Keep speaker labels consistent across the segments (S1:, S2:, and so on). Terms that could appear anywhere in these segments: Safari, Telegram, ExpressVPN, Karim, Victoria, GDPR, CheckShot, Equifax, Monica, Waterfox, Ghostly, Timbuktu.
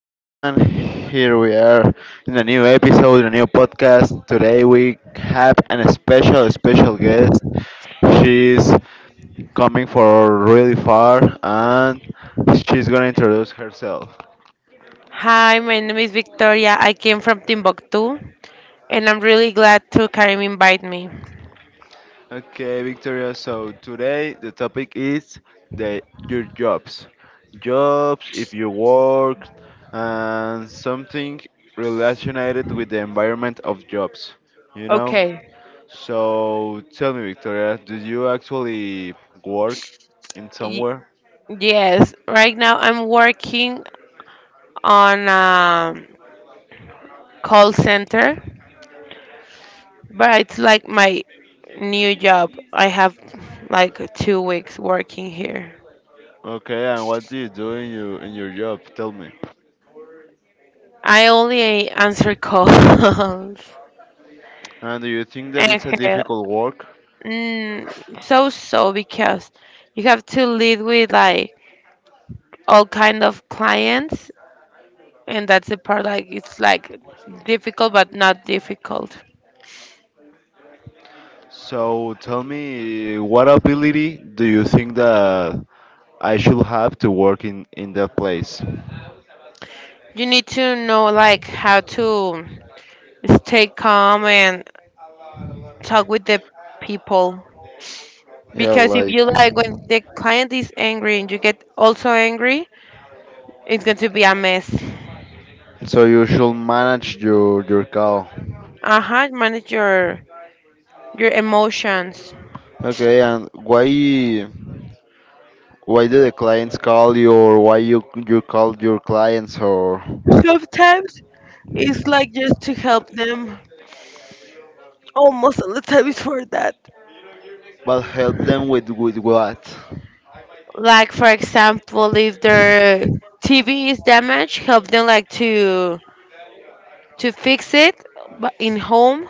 S1: everyone. Here we are in a new episode, in a new podcast. Today we have an special, special guest. She's coming for really far, and she's gonna introduce herself.
S2: Hi, my name is Victoria. I came from Timbuktu, and I'm really glad to Karim invite me.
S1: Okay, Victoria. So today the topic is the your jobs if you work, and something related with the environment of jobs. You know.
S2: Okay.
S1: So tell me, Victoria, do you actually work in
S2: Y-
S1: somewhere?
S2: yes, right now I'm working on a call center, but it's like my new job. I have like 2 weeks working here.
S1: Okay, and what do you do in your job? Tell me.
S2: I only answer calls.
S1: And do you think that
S2: And
S1: it's a
S2: uh,
S1: difficult work?
S2: mm, so so because you have to lead with like all kind of clients, and that's the part, like, it's like difficult but not difficult.
S1: So tell me, what ability do you think that I should have to work in that place.
S2: You need to know like how to stay calm and talk with the people,
S1: Yeah,
S2: because if
S1: like
S2: you like when the client is angry and you get also angry, it's going to be a mess.
S1: so you should manage your call.
S2: Uh-huh, manage your emotions.
S1: Okay, and why do the clients call you, or why you call your clients, or
S2: Sometimes it's like just to help them. Almost all the time is for that.
S1: but help them with what?
S2: Like, for example, if their TV is damaged, help them like to fix it, in home,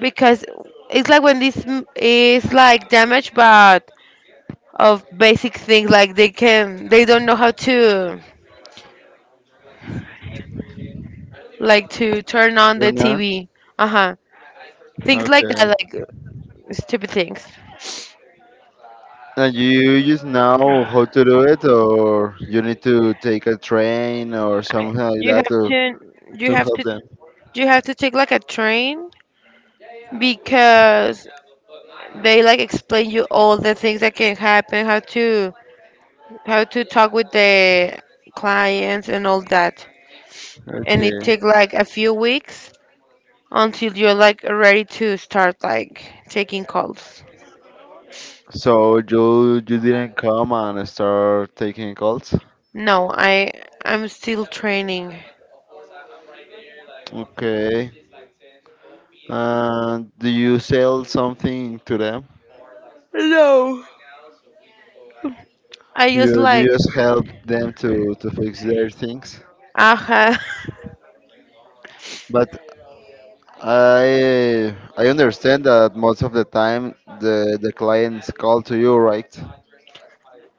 S2: because it's like when this is like damaged, but of basic things like they don't know how to like to turn on the
S1: Turn on.
S2: TV. Uh huh. Things like
S1: Okay.
S2: that, like stupid things.
S1: And you just know how to do it, or you need to take a train or something like
S2: You
S1: that
S2: have
S1: to
S2: to you
S1: to
S2: have
S1: help
S2: to
S1: them.
S2: you have to take like a train, because they like explain you all the things that can happen, how to talk with the clients and all that. And
S1: Okay.
S2: it take like a few weeks until you're like ready to start like taking calls.
S1: So you didn't come and start taking calls?
S2: No, I'm still training.
S1: Okay. And do you sell something to them?
S2: No. I just
S1: You
S2: like,
S1: just help them to fix their things.
S2: aha.
S1: But I understand that most of the time the clients call to you, right?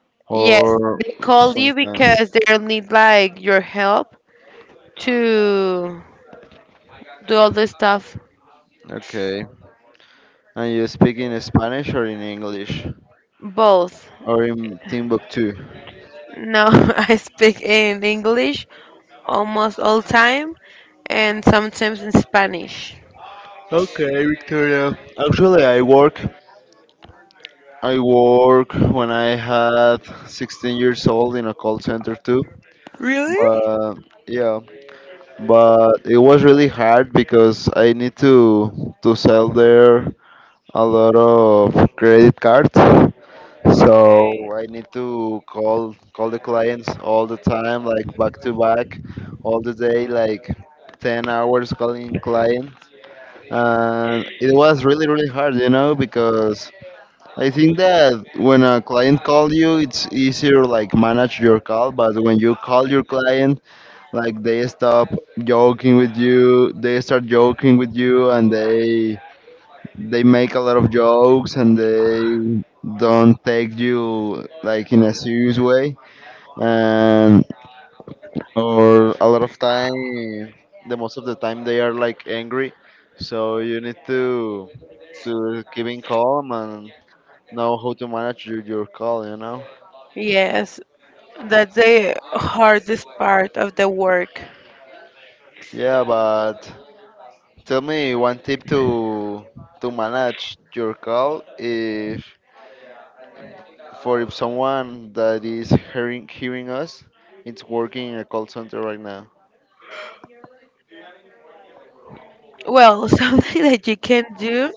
S2: Yes,
S1: Or
S2: they call you
S1: something.
S2: because they need like your help to do all the stuff.
S1: Okay. And you speak in Spanish or in English
S2: Both.
S1: or in Timbuktu?
S2: No, I speak in English almost all time and sometimes in Spanish.
S1: Okay, Victoria. Actually, I work when I had 16 years old in a call center too.
S2: Really?
S1: But yeah, but it was really hard because I need to sell there a lot of credit cards. So I need to call the clients all the time, like back to back, all the day, like 10 hours calling clients. And it was really really hard, because I think that when a client call you, it's easier like manage your call. But when you call your client, like they stop joking with you, they start joking with you, and they make a lot of jokes, and they don't take you like in a serious way. And or a lot of time the most of the time they are like angry, so you need to keep in calm and know how to manage your call.
S2: Yes, that's the hardest part of the work.
S1: Yeah, but tell me one tip to manage your call if for if someone that is hearing us, it's working in a call center right now.
S2: Well, something that you can do,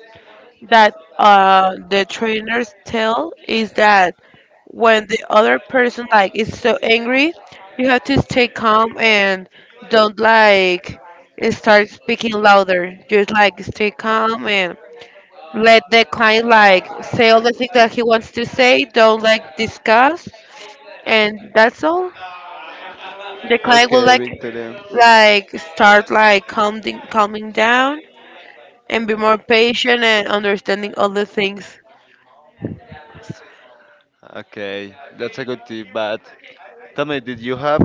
S2: that the trainers tell, is that when the other person like is so angry, you have to stay calm and don't like start speaking louder. Just like stay calm and let the client like say all the things that he wants to say. Don't like discuss, and that's all. The client will
S1: Okay,
S2: like
S1: Victoria.
S2: like start like calming down and be more patient and understanding other things.
S1: Okay, that's a good tip. But tell me, did you have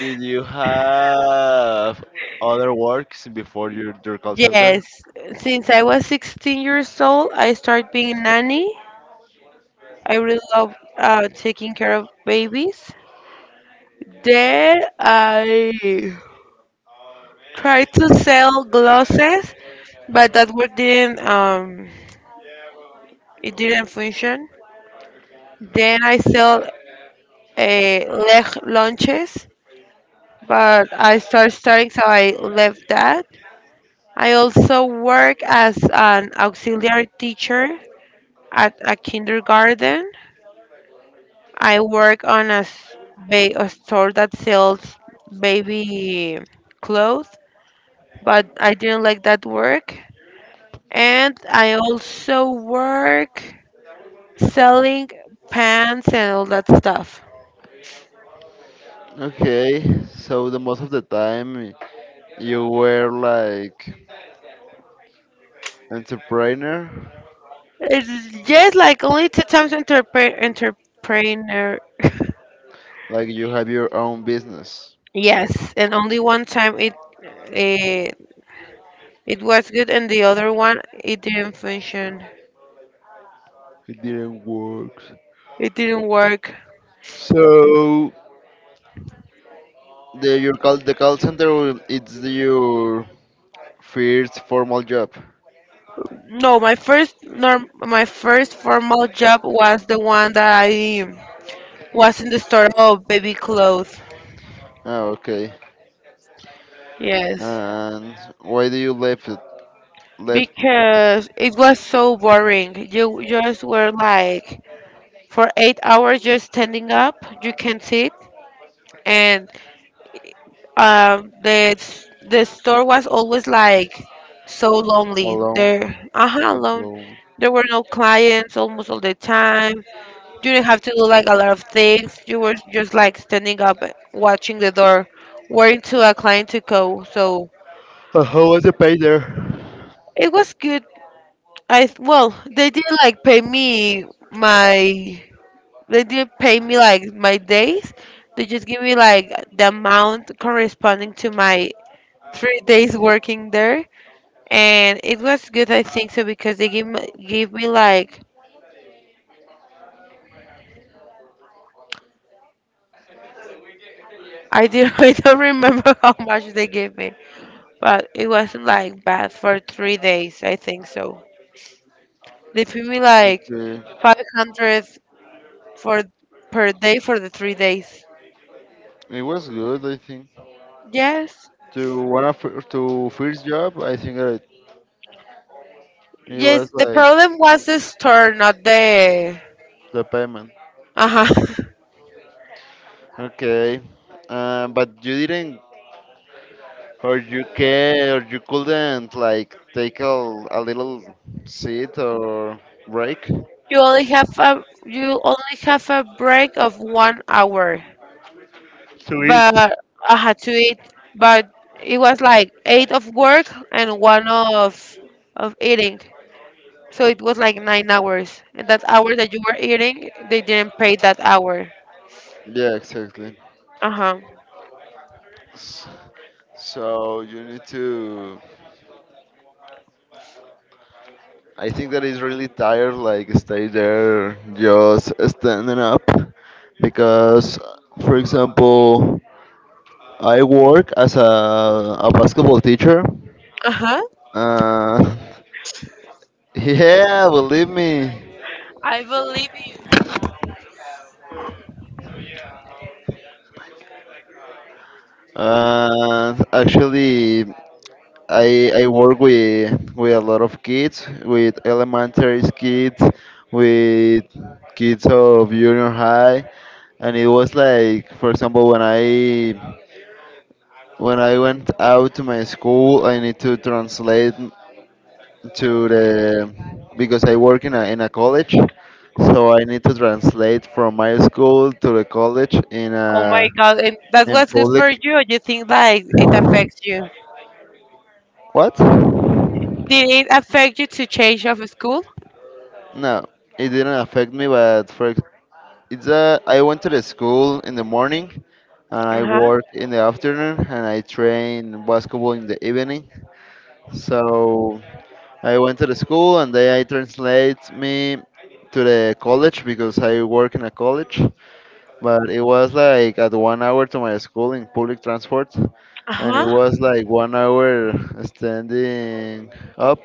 S1: did you have other works before your call center?
S2: Yes, since I was 16 years old, I started being a nanny. I really love taking care of babies. Then I tried to sell glosses, but that work didn't it didn't function. Then I sell uh, leg lunches, but I started starting, so I left that. I also work as an auxiliary teacher at a kindergarten. I work on a store that sells baby clothes, but I didn't like that work. And I also work selling pants and all that stuff.
S1: Okay, so the most of the time you were like entrepreneur,
S2: It's just like only two times entrepreneur.
S1: like you have your own business.
S2: Yes, and only one time it. eh, It was good, and the other one, it didn't function.
S1: It didn't work.
S2: It didn't work.
S1: So the call center it's your first formal job.
S2: No, my first formal job was the one that I was in the store of baby clothes.
S1: Oh, okay.
S2: Yes,
S1: And why do you left it left
S2: because it was so boring. You just were like for 8 hours just standing up. You can't sit, and the store was always like so lonely
S1: alone?
S2: there. Uh-huh, alone.
S1: Alone?
S2: There were no clients almost all the time. You didn't have to do like a lot of things. You were just like standing up, watching the door, waiting to a client to go. So
S1: How was the pay there?
S2: it was good. Well, they didn't like pay me, my they didn't pay me like my days. They just give me like the amount corresponding to my 3 days working there, and it was good, I think so, because they gave me like, I do I don't remember how much they gave me, but it wasn't like bad for 3 days, I think so. They paid me like
S1: Okay,
S2: 500 for per day for the 3 days.
S1: it was good. I think
S2: Yes,
S1: to one of to first job, I think that it
S2: yes.
S1: was
S2: The
S1: like
S2: problem was the store, not the.
S1: the payment.
S2: Uh huh.
S1: Okay. But you didn't, or you care, or you couldn't, like, take a little seat or break?
S2: You only have a break of 1 hour.
S1: To eat.
S2: But I had to eat. But it was like eight of work and one of eating. So it was like 9 hours. And that hour that you were eating, they didn't pay that hour.
S1: Yeah, exactly.
S2: Uh huh.
S1: S- So you need to. I think that is really tired, like stay there, just standing up, because, for example, I work as a basketball teacher.
S2: Uh huh.
S1: Uh, yeah, believe me.
S2: I believe you.
S1: Actually, I work with a lot of kids, with elementary kids, with kids of junior high, and it was like, for example, when I went out to my school, I need to translate to the because I work in a college, so I need to translate from my school to the college in
S2: Oh
S1: a
S2: my God. And that
S1: in
S2: was good for
S1: public.
S2: you, or you think like it affects you?
S1: What?
S2: Did it affect you to change of school?
S1: No, it didn't affect me, but for ex- it's a, I went to the school in the morning, and
S2: Uh
S1: I
S2: huh.
S1: work in the afternoon, and I train basketball in the evening. So I went to the school and they I translate me to the college because I work in a college. But it was like at 1 hour to my school in public transport,
S2: Uh
S1: and it
S2: huh.
S1: was like 1 hour standing up,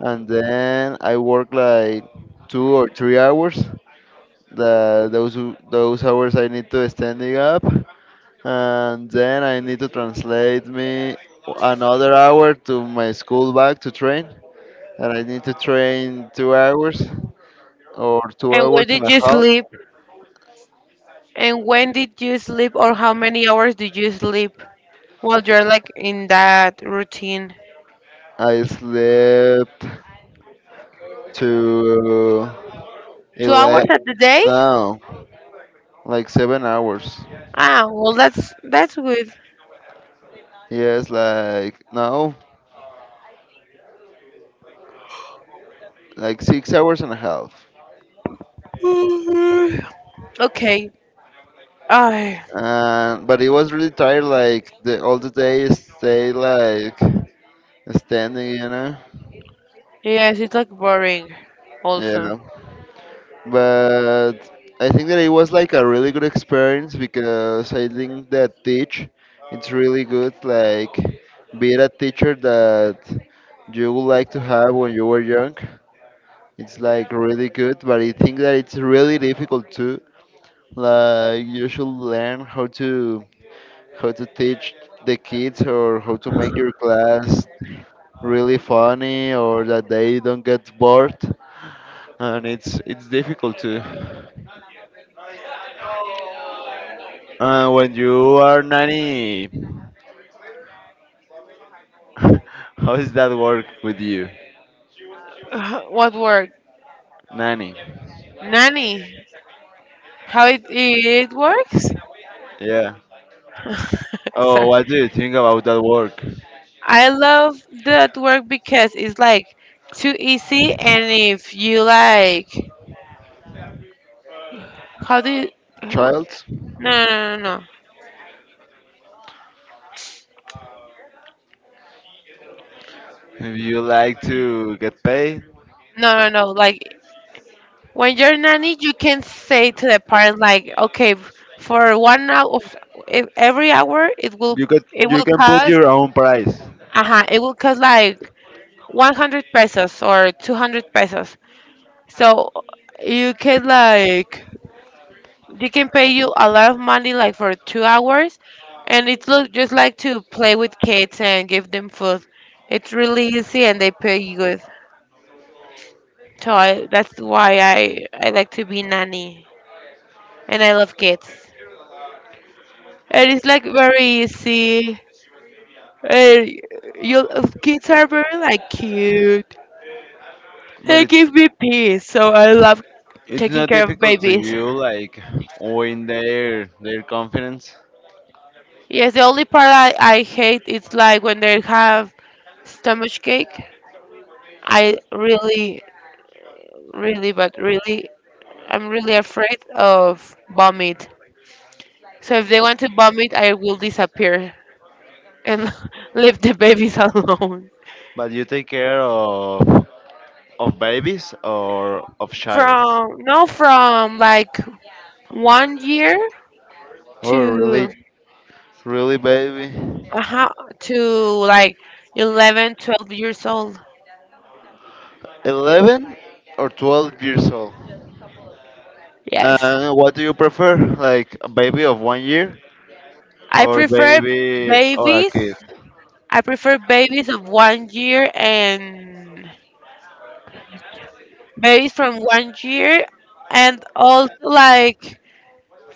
S1: and then I worked like 2 or 3 hours, those hours I need to standing up, and then I need to translate me another hour to my school back to train, and I need to train 2 hours or two
S2: And where
S1: hours and
S2: did
S1: a
S2: you
S1: half.
S2: sleep? And when did you sleep? Or how many hours did you sleep? Well, you're like in that routine.
S1: I slept to
S2: Two
S1: 11.
S2: hours at the day?
S1: No, like 7 hours.
S2: Ah, well, that's good.
S1: Yes, like no, like 6 hours and a half.
S2: Okay. Ah,
S1: And but it was really tired. Like the all the day stay like standing, you know?
S2: yes, it's like boring. Also.
S1: Yeah. But I think that it was like a really good experience because I think that teach it's really good like be a teacher that you would like to have when you were young. It's like really good, but I think that it's really difficult too. Like you should learn how to teach the kids, or how to make your class really funny or that they don't get bored, and it's difficult to. When you are nanny, how does that work with you,
S2: What work?
S1: nanny?
S2: Nanny. How it works?
S1: Yeah. Oh,
S2: Sorry.
S1: what do you think about that work,
S2: I love that work because it's like too easy, and if you like, how do you?
S1: child?
S2: No, no, no, no, no,
S1: If you like to get paid,
S2: no, no. Like, when you're nanny, you can say to the parent like, okay, for 1 hour of every hour,
S1: you could
S2: it
S1: you
S2: will
S1: can put
S2: cost
S1: your own price,
S2: it will cost like 100 pesos or 200 pesos. So you can like they can pay you a lot of money like for 2 hours, and it's look just like to play with kids and give them food. It's really easy and they pay you good. So that's why I like to be nanny, and I love kids. And it's like very easy. And you kids are very like cute.
S1: but
S2: They
S1: it's
S2: give me peace, so I love
S1: it's
S2: taking
S1: not
S2: care of
S1: difficult to
S2: babies.
S1: you like win their confidence.
S2: Yes, the only part I hate is like when they have stomach cake. I really, really, but really, I'm really afraid of vomit. So if they want to vomit, I will disappear and leave the babies alone.
S1: But you take care of babies or of child.
S2: From no, from like 1 year
S1: Oh,
S2: to
S1: really, really, baby.
S2: uh to like 11, 12 years old.
S1: 11 or 12 years old.
S2: Yes.
S1: What do you prefer? Like a baby of 1 year
S2: I
S1: or
S2: prefer
S1: baby or a
S2: babies.
S1: kid?
S2: I prefer babies of 1 year and babies from 1 year, and also like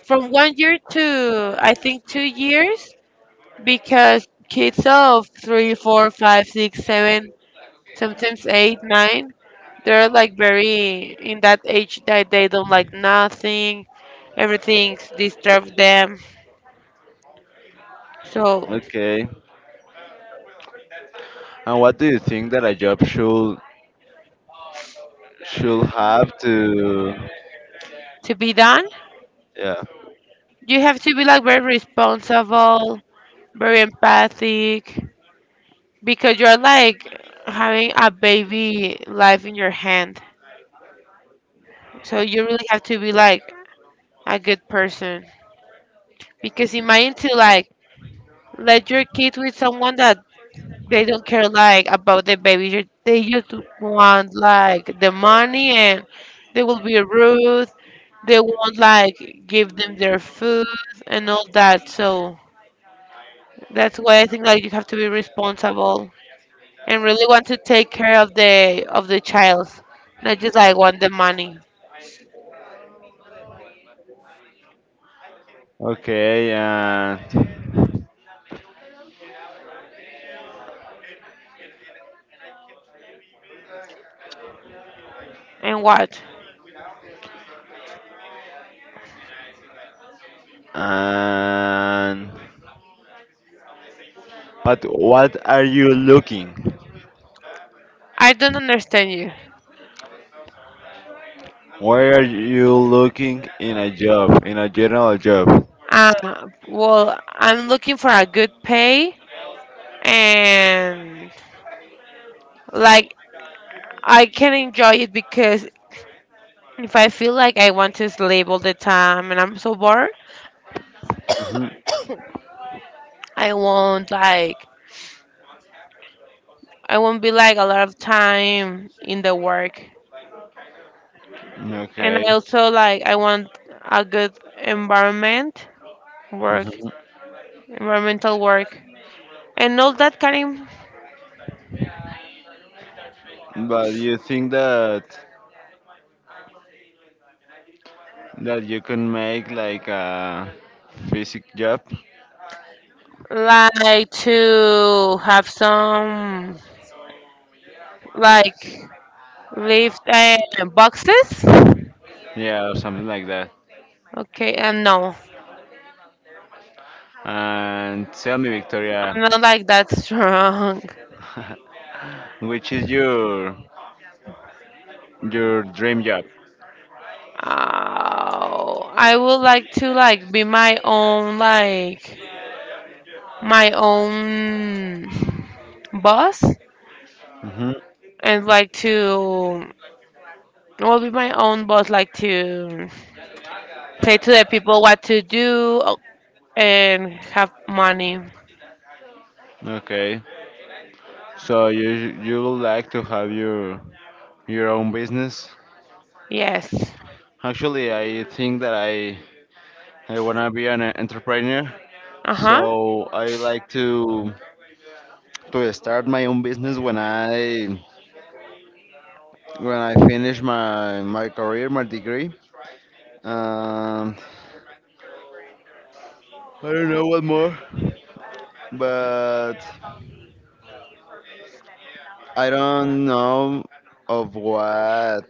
S2: from 1 year to, I think, 2 years, because kids of three, four, five, six, seven, sometimes eight, nine, they're like very in that age that they don't like nothing, everything's disturbs them. So
S1: Okay. And what do you think that a job should have to.
S2: to be done,
S1: Yeah.
S2: you have to be like very responsible, very empathic, because you're like having a baby life in your hand. So you really have to be like a good person. Because imagine to like let your kid with someone that they don't care like about the baby. They just want like the money and they will be rude. They won't like give them their food and all that. So that's why I think like you have to be responsible and really want to take care of the child, not just like want the money.
S1: Okay, and
S2: And what?
S1: and but what are you looking?
S2: I don't understand you.
S1: Where are you looking in a job, in a general job?
S2: Well, I'm looking for a good pay and like I can enjoy it, because if I feel like I want to sleep all the time and I'm so bored,
S1: Hmm.
S2: I won't like I won't be like a lot of time in the work. And
S1: Okay.
S2: I also like I want a good environment work, environmental work, and all that kind of,
S1: But you think that you can make like a physic job?
S2: like to have some like lift boxes.
S1: Yeah, or something like that.
S2: Okay, and no,
S1: And tell me, Victoria,
S2: I'm not like that strong.
S1: which is your dream job?
S2: Oh, I would like to like be my own boss,
S1: Hmm.
S2: and like to, well, be my own boss, like to say to the people what to do and have money.
S1: Okay. So you would like to have your own business?
S2: Yes.
S1: Actually, I think that I wanna be an entrepreneur.
S2: Uh huh.
S1: So I like to start my own business when I finished my career, my degree. Um, I don't know what more, but I don't know of what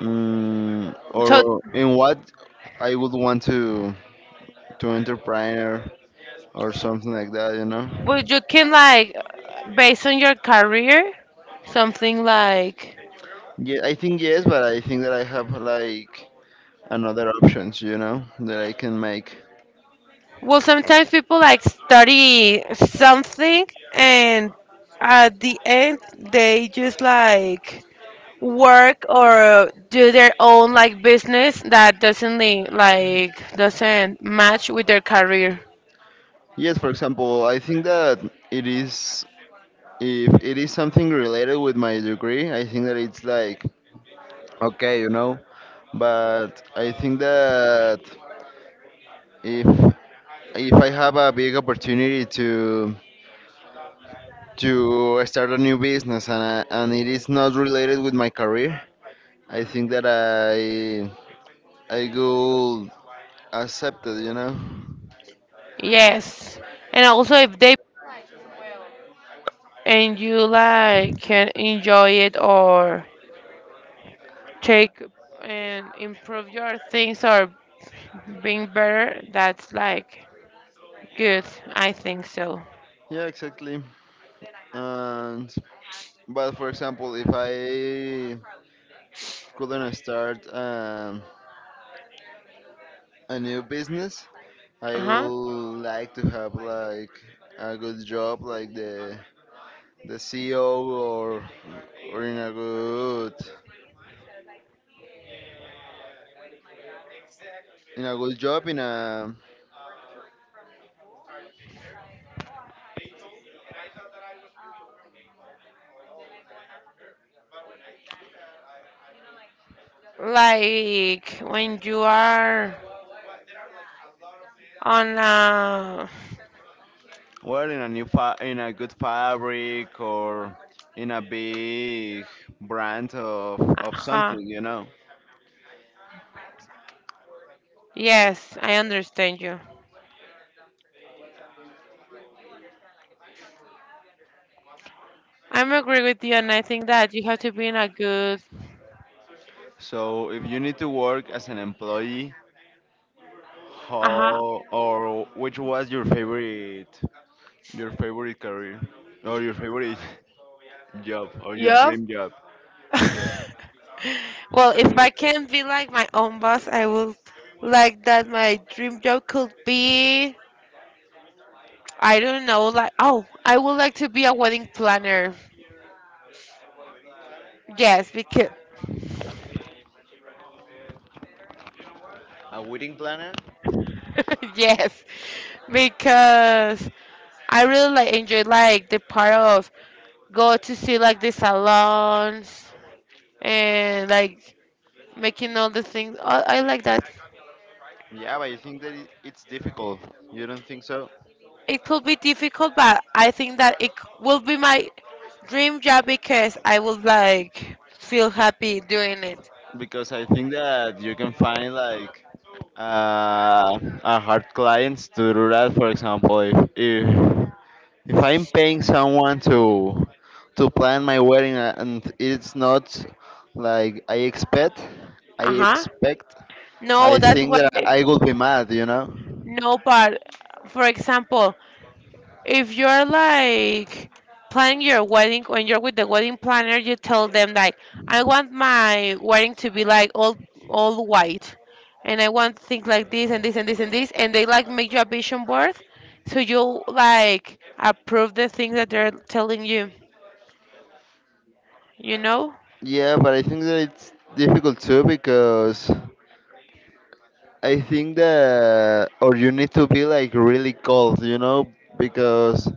S2: So,
S1: or in what I would want to entrepreneur or something like that. You know?
S2: but you can like, based on your career, something like.
S1: Yeah, I think yes, but I think that I have like another options. You know, that I can make.
S2: Well, sometimes people like study something, and at the end they just like work or do their own like business that doesn't li- like doesn't match with their career.
S1: Yes, for example, I think that it is if it is something related with my degree, I think that it's like okay. But I think that if if I have a big opportunity to start a new business and it is not related with my career, I think that I could accept it.
S2: Yes. And also, if they and you like can enjoy it or take and improve your things or being better, that's like good, I think so.
S1: Yeah, exactly. And but for example, if I couldn't start. A new business, I
S2: Uh-huh.
S1: would like to have like a good job, like the CEO or in a good job in a
S2: Like when you are on a.
S1: well in a good fabric or in a big brand of
S2: Uh-huh.
S1: something.
S2: Yes, I understand you. I'm agree with you, and I think that you have to be in a good.
S1: So if you need to work as an employee,
S2: Uh-huh.
S1: how or which was your favorite career or your favorite job or your job.
S2: Yup.
S1: Dream job? Yeah. Well,
S2: Well, if
S1: sorry
S2: I
S1: about
S2: can be like
S1: that.
S2: my own boss, I will like that my dream job could be, I don't know. Like, oh, I would like to be a wedding planner. Yes, because
S1: A wedding planner?
S2: yes, because I really like enjoy like the part of go to see like the salons and like making all the things. I like that.
S1: Yeah, but I think that it's difficult. You don't think so?
S2: It could be difficult, but I think that it will be my dream job, because I would like feel happy doing it.
S1: Because I think that you can find like uh, a hard clients to do that. For example, if I'm paying someone to plan my wedding and it's not like I expect, I
S2: Uh huh.
S1: expect, I
S2: No, that's
S1: think
S2: what.
S1: that I will be mad. You know?
S2: No, but for example, if you're like planning your wedding, when you're with the wedding planner you tell them like, I want my wedding to be like all white, and I want things like this and this and this and this, and they like make you a vision board so you like approve the things that they're telling you you know
S1: Yeah, but I think that it's difficult too because I think that or you need to be like really cold, because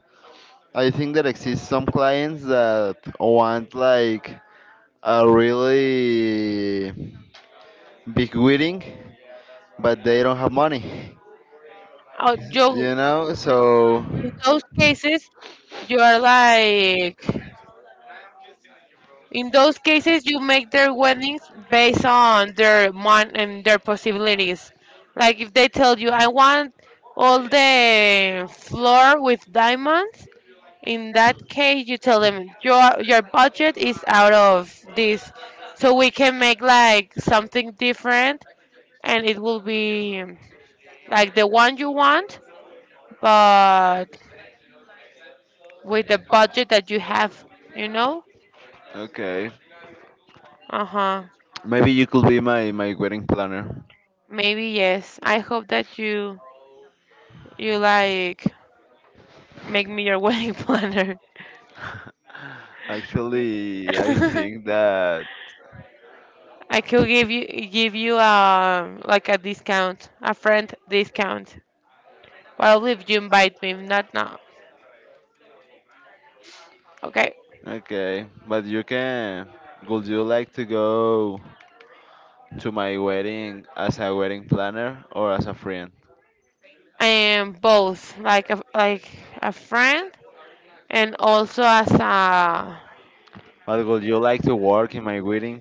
S1: I think that exists some clients that want like a really big wedding, but they don't have money,
S2: You
S1: you know. So
S2: in those cases you are like In those cases, you make their weddings based on their mon and their possibilities. Like if they tell you, I want all the floor with diamonds. In that case, you tell them your budget is out of this, so we can make like something different, and it will be like the one you want, but with the budget that you have. You know?
S1: okay,
S2: Uh huh.
S1: maybe you could be my wedding planner.
S2: Maybe yes. I hope that you like make me your wedding planner.
S1: Actually, I think that.
S2: I could give you like a discount, a friend discount. Well, if you invite me, if not now. Okay.
S1: Okay, but you can. Would you like to go to my wedding as a wedding planner or as a friend?
S2: And both like a friend and also as
S1: But would you like to work in my wedding?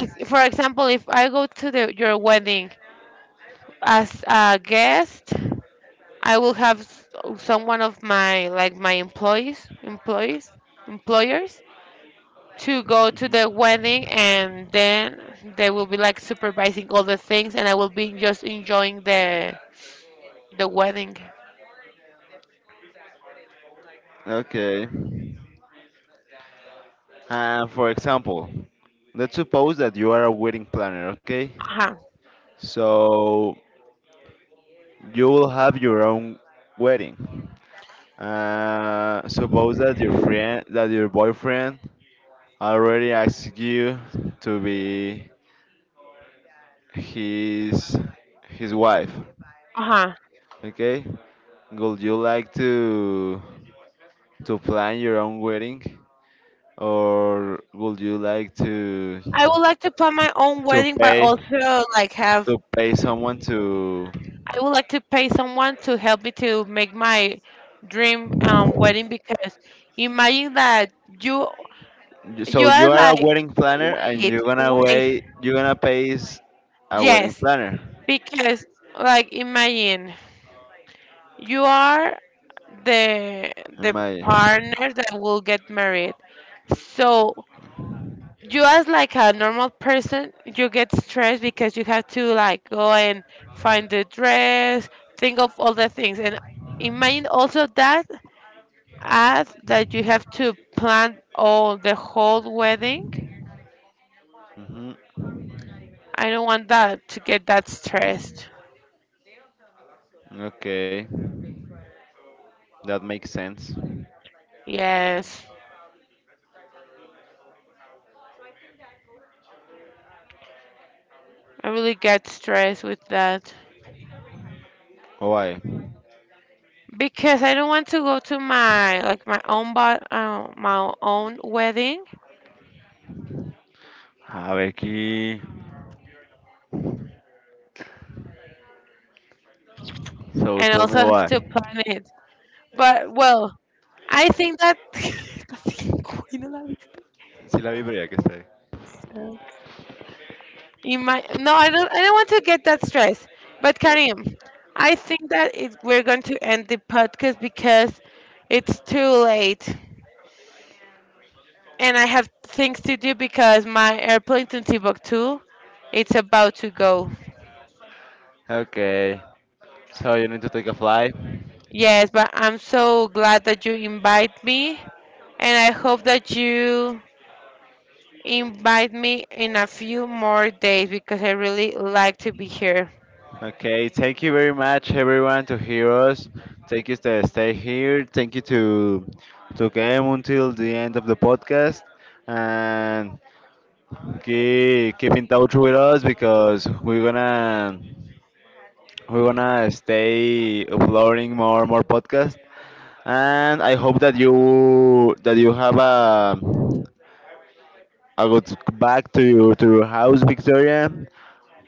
S2: for example, if I go to the, your wedding as a guest, I will have someone of my like my employers to go to the wedding and then they will be like supervising all the things, and I will be just enjoying the wedding.
S1: Okay. For example, let's suppose that you are a wedding planner, okay?
S2: Uh-huh.
S1: So you will have your own wedding. Suppose that your friend, that your boyfriend already asked you to be his his wife,
S2: Uh-huh.
S1: okay? Would you like to plan your own wedding, or would you like to
S2: I would like to plan my own
S1: to
S2: wedding but
S1: pay
S2: also like have
S1: someone to?
S2: I would like to pay someone to help me to make my dream wedding, because imagine that you you
S1: So
S2: are
S1: you are a
S2: like,
S1: wedding planner, and
S2: wait,
S1: you're gonna
S2: wait,
S1: wait. You're gonna pay a wedding
S2: yes,
S1: planner.
S2: because like imagine you are the the
S1: Am I?
S2: partner that will get married. So you as like a normal person, you get stressed because you have to like go and find the dress, think of all the things, and imagine also that as that you have to plan all the whole wedding.
S1: Mhm.
S2: I don't want that to get that stressed.
S1: Okay, that makes sense.
S2: Yes, I really get stressed with that.
S1: Why?
S2: Because I don't want to go to my like my own but my own wedding
S1: A ver aquí. So
S2: and
S1: tell
S2: also
S1: me
S2: have
S1: why.
S2: to plan it. But well, I think that Coño la vista.
S1: Sí la vi, pero ya que está ahí.
S2: In my no, I don't want to get that stress. But Karim, I think that we're going to end the podcast because it's too late and I have things to do because my airplane to Timbuktu it's about to go.
S1: Okay. So you need to take a flight.
S2: Yes, but I'm so glad that you invite me, and I hope that you invite me in a few more days because I really like to be here.
S1: Okay, thank you very much, everyone, to hear us. Thank you to stay here. Thank you to come until the end of the podcast, and keep in touch with us because we're gonna stay uploading more podcasts, and I hope that you have a good back to your house, Victoria.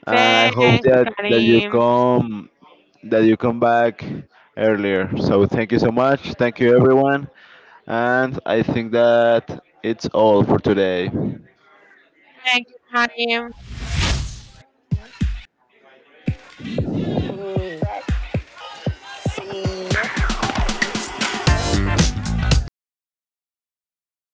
S1: And I hope
S2: Thanks,
S1: that you
S2: Karim.
S1: come that you come back earlier. So thank you so much. Thank you, everyone. And I think that it's all for today.
S2: Thank you, Karim.